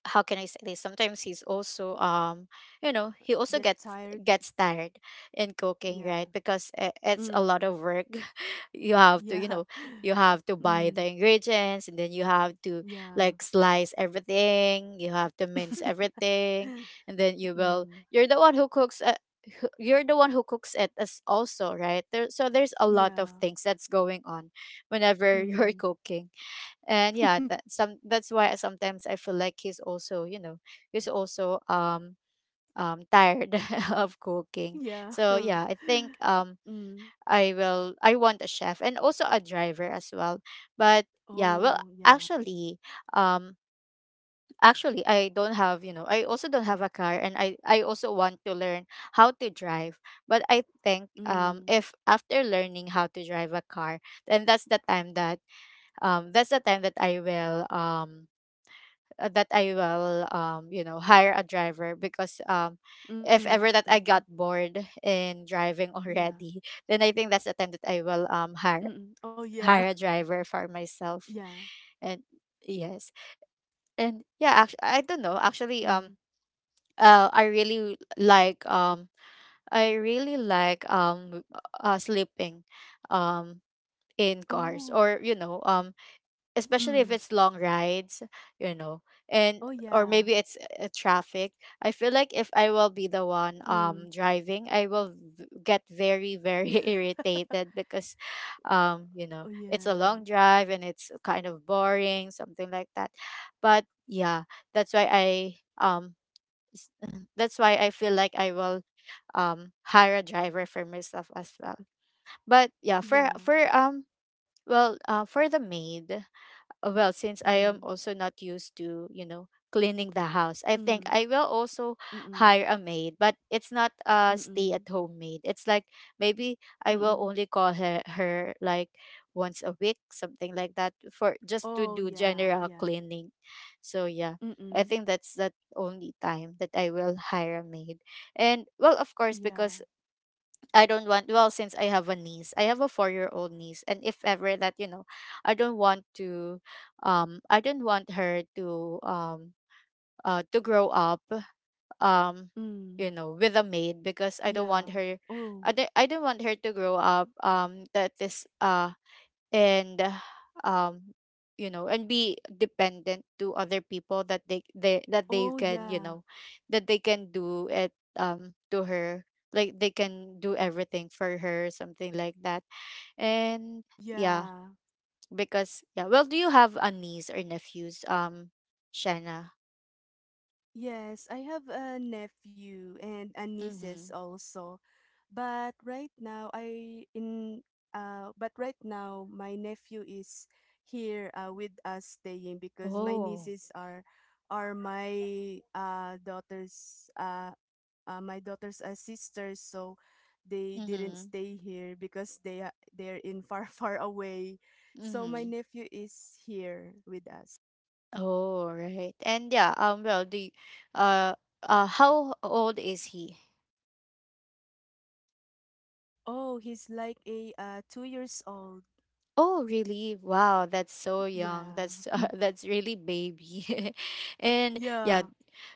how can I say this? Sometimes he's also, you know, he
Get
also gets
tired.
gets tired in cooking,
Yeah.
right? Because it's a lot
Mm.
of work. you have to, you
Yeah.
know, you have to buy
Mm.
the ingredients, and then you have to,
Yeah.
like, slice everything. You have to mince everything. And then you will,
Mm,
you're the one who cooks. You're the one who cooks it as also right there. So there's a lot of
yeah.
things that's going on whenever you're
Mm,
cooking. And yeah, that's why sometimes I feel like he's also, you know, he's also, tired of cooking.
yeah.
So yeah, I think
Mm.
I will, I want a chef and also a driver as well. But yeah, well,
Oh, yeah.
actually, um actually, I don't have, you know, I also don't have a car, and I also want to learn how to drive. But I think
Mm,
if, after learning how to drive a car, then that's the time that, that's the time that I will, that I will, you know, hire a driver. Because if
mm,
ever that I got bored in
yeah.
driving already, then I think that's the time that I will
Mm.
hire,
Oh, yeah.
hire a driver for
Yeah.
myself. And yes, and yeah, actually, I don't know actually,
Mm.
I really like, I really like, sleeping, um in cars
Oh.
or, you know, especially if
Mm.
it's long rides, you know, and
Oh,
or maybe
yeah.
it's, traffic. I feel like if I will be the one
Mm.
driving, I will get very, very irritated, because, you know,
Oh,
it's a long
yeah.
drive, and it's kind of boring, something like that. But yeah, that's why I, that's why I feel like I will, hire a driver for myself as well. But yeah, for
Yeah.
for well, for the maid, well, since I am
Mm.
also not used to, you know, cleaning the house, I think
Mm.
I will also
Mm-mm.
hire a maid. But it's not a stay
Mm-mm.
at home maid. It's like, maybe I will only call her, her, like, once a week, something like that, for just to
Oh,
do
yeah.
general
Yeah.
cleaning. So yeah, I
Mm-mm.
think that's the only time that I will hire a maid. And, well, of course,
Yeah.
because I don't want, well, since I have a niece. I have a 4-year-old niece, and if ever that, you know, I don't want to, I don't want her to, um to grow up, um
Mm.
you know, with a maid, because I don't want
Yeah.
her,
Oh.
I don't want her to grow up that is and um you know, and be dependent to other people, that they, that they
Oh,
can, you
yeah.
know, that they can do it, to her. Like, they can do everything for her, something like that. And yeah.
Yeah.
Because yeah, well, do you have a niece or nephews, Shanna?
Yes, I have a nephew and a nieces
Mhm.
also. But right now I in but right now my nephew is here with us staying, because my
Oh.
nieces are my daughters my daughters sisters, so they didn't
Mhm.
stay here because they they're in far far away. So my
Mhm.
nephew is here with us.
Oh, right. And yeah, well, do you, uh how old is he?
Oh, he's like a two years old.
Oh, really? Wow, that's so young.
Yeah.
That's, that's really baby. And
Yeah.
yeah,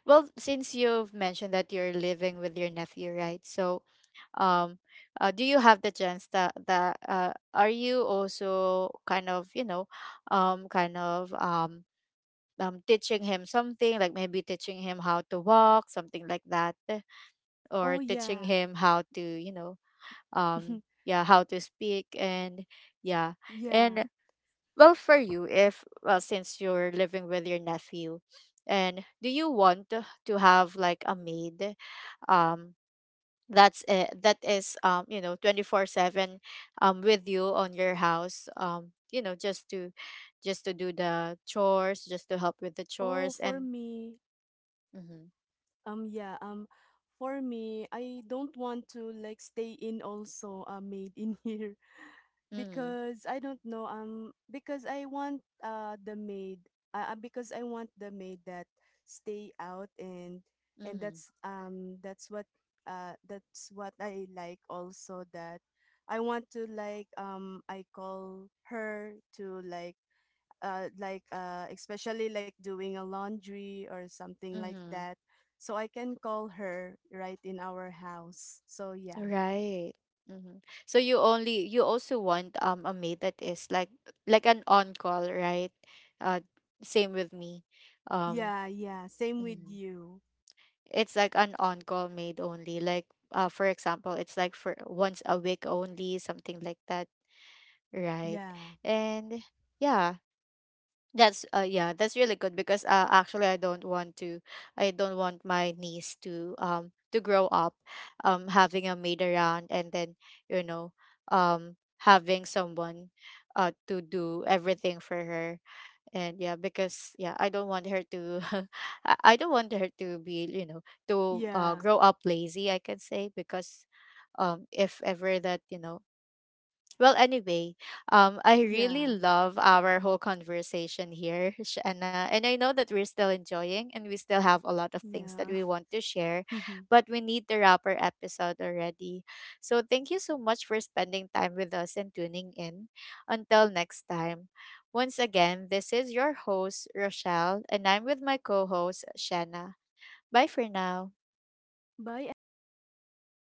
well, since you've mentioned that you're living with your nephew, right? So, um, do you have the chance that, are you also kind of, you know, um, kind of um, teaching him something, like maybe teaching him how to walk, something like that,
Oh,
or teaching
yeah.
him how to, you know, yeah, how to speak, and yeah.
Yeah.
And, well, for you, if, well, since you're living with your nephew, and do you want to have like a maid? Um, that's it. That is, you know, 24/7, with you on your house. You know, just to do the chores, just to help with the
Oh,
chores,
for
and.
me,
Mm-hmm,
yeah, for me, I don't want to like stay in also, made in here.
mm-hmm,
Because I don't know, because I want the maid, because I want the maid that stay out. And
mm-hmm,
that's what, that's what I like also, that I want to like, I call her to like especially like doing a laundry or something like
mm-hmm.
that, so I can call her right in our house, so yeah.
Right. Hmm. So you only, you also want a maid that is like an on call, right? Uh, Same with me. Um,
Yeah, yeah, same with
mhm.
you.
It's like an on call maid only. Like, for example, it's like for once a week only, something like that, right?
Yeah.
And yeah, yeah, that's really good, because actually, I don't want to, I don't want my niece to, to grow up having a maid around, and then, you know, um having someone, to do everything for her. And yeah. Because yeah, I don't want her to, I don't want her to be, you know, to
Yeah,
grow up lazy, I can say. Because, if ever that, you know, well, anyway, I really
yeah,
love our whole conversation here, Shanna, and I know that we're still enjoying, and we still have a lot of things that
yeah.
we want to share, but we need to wrap our episode already. So thank you so much for spending time with us and tuning in. Until next time, once again, this is your host Rochelle, and I'm with my co-host Shanna. Bye for now.
Bye, everyone.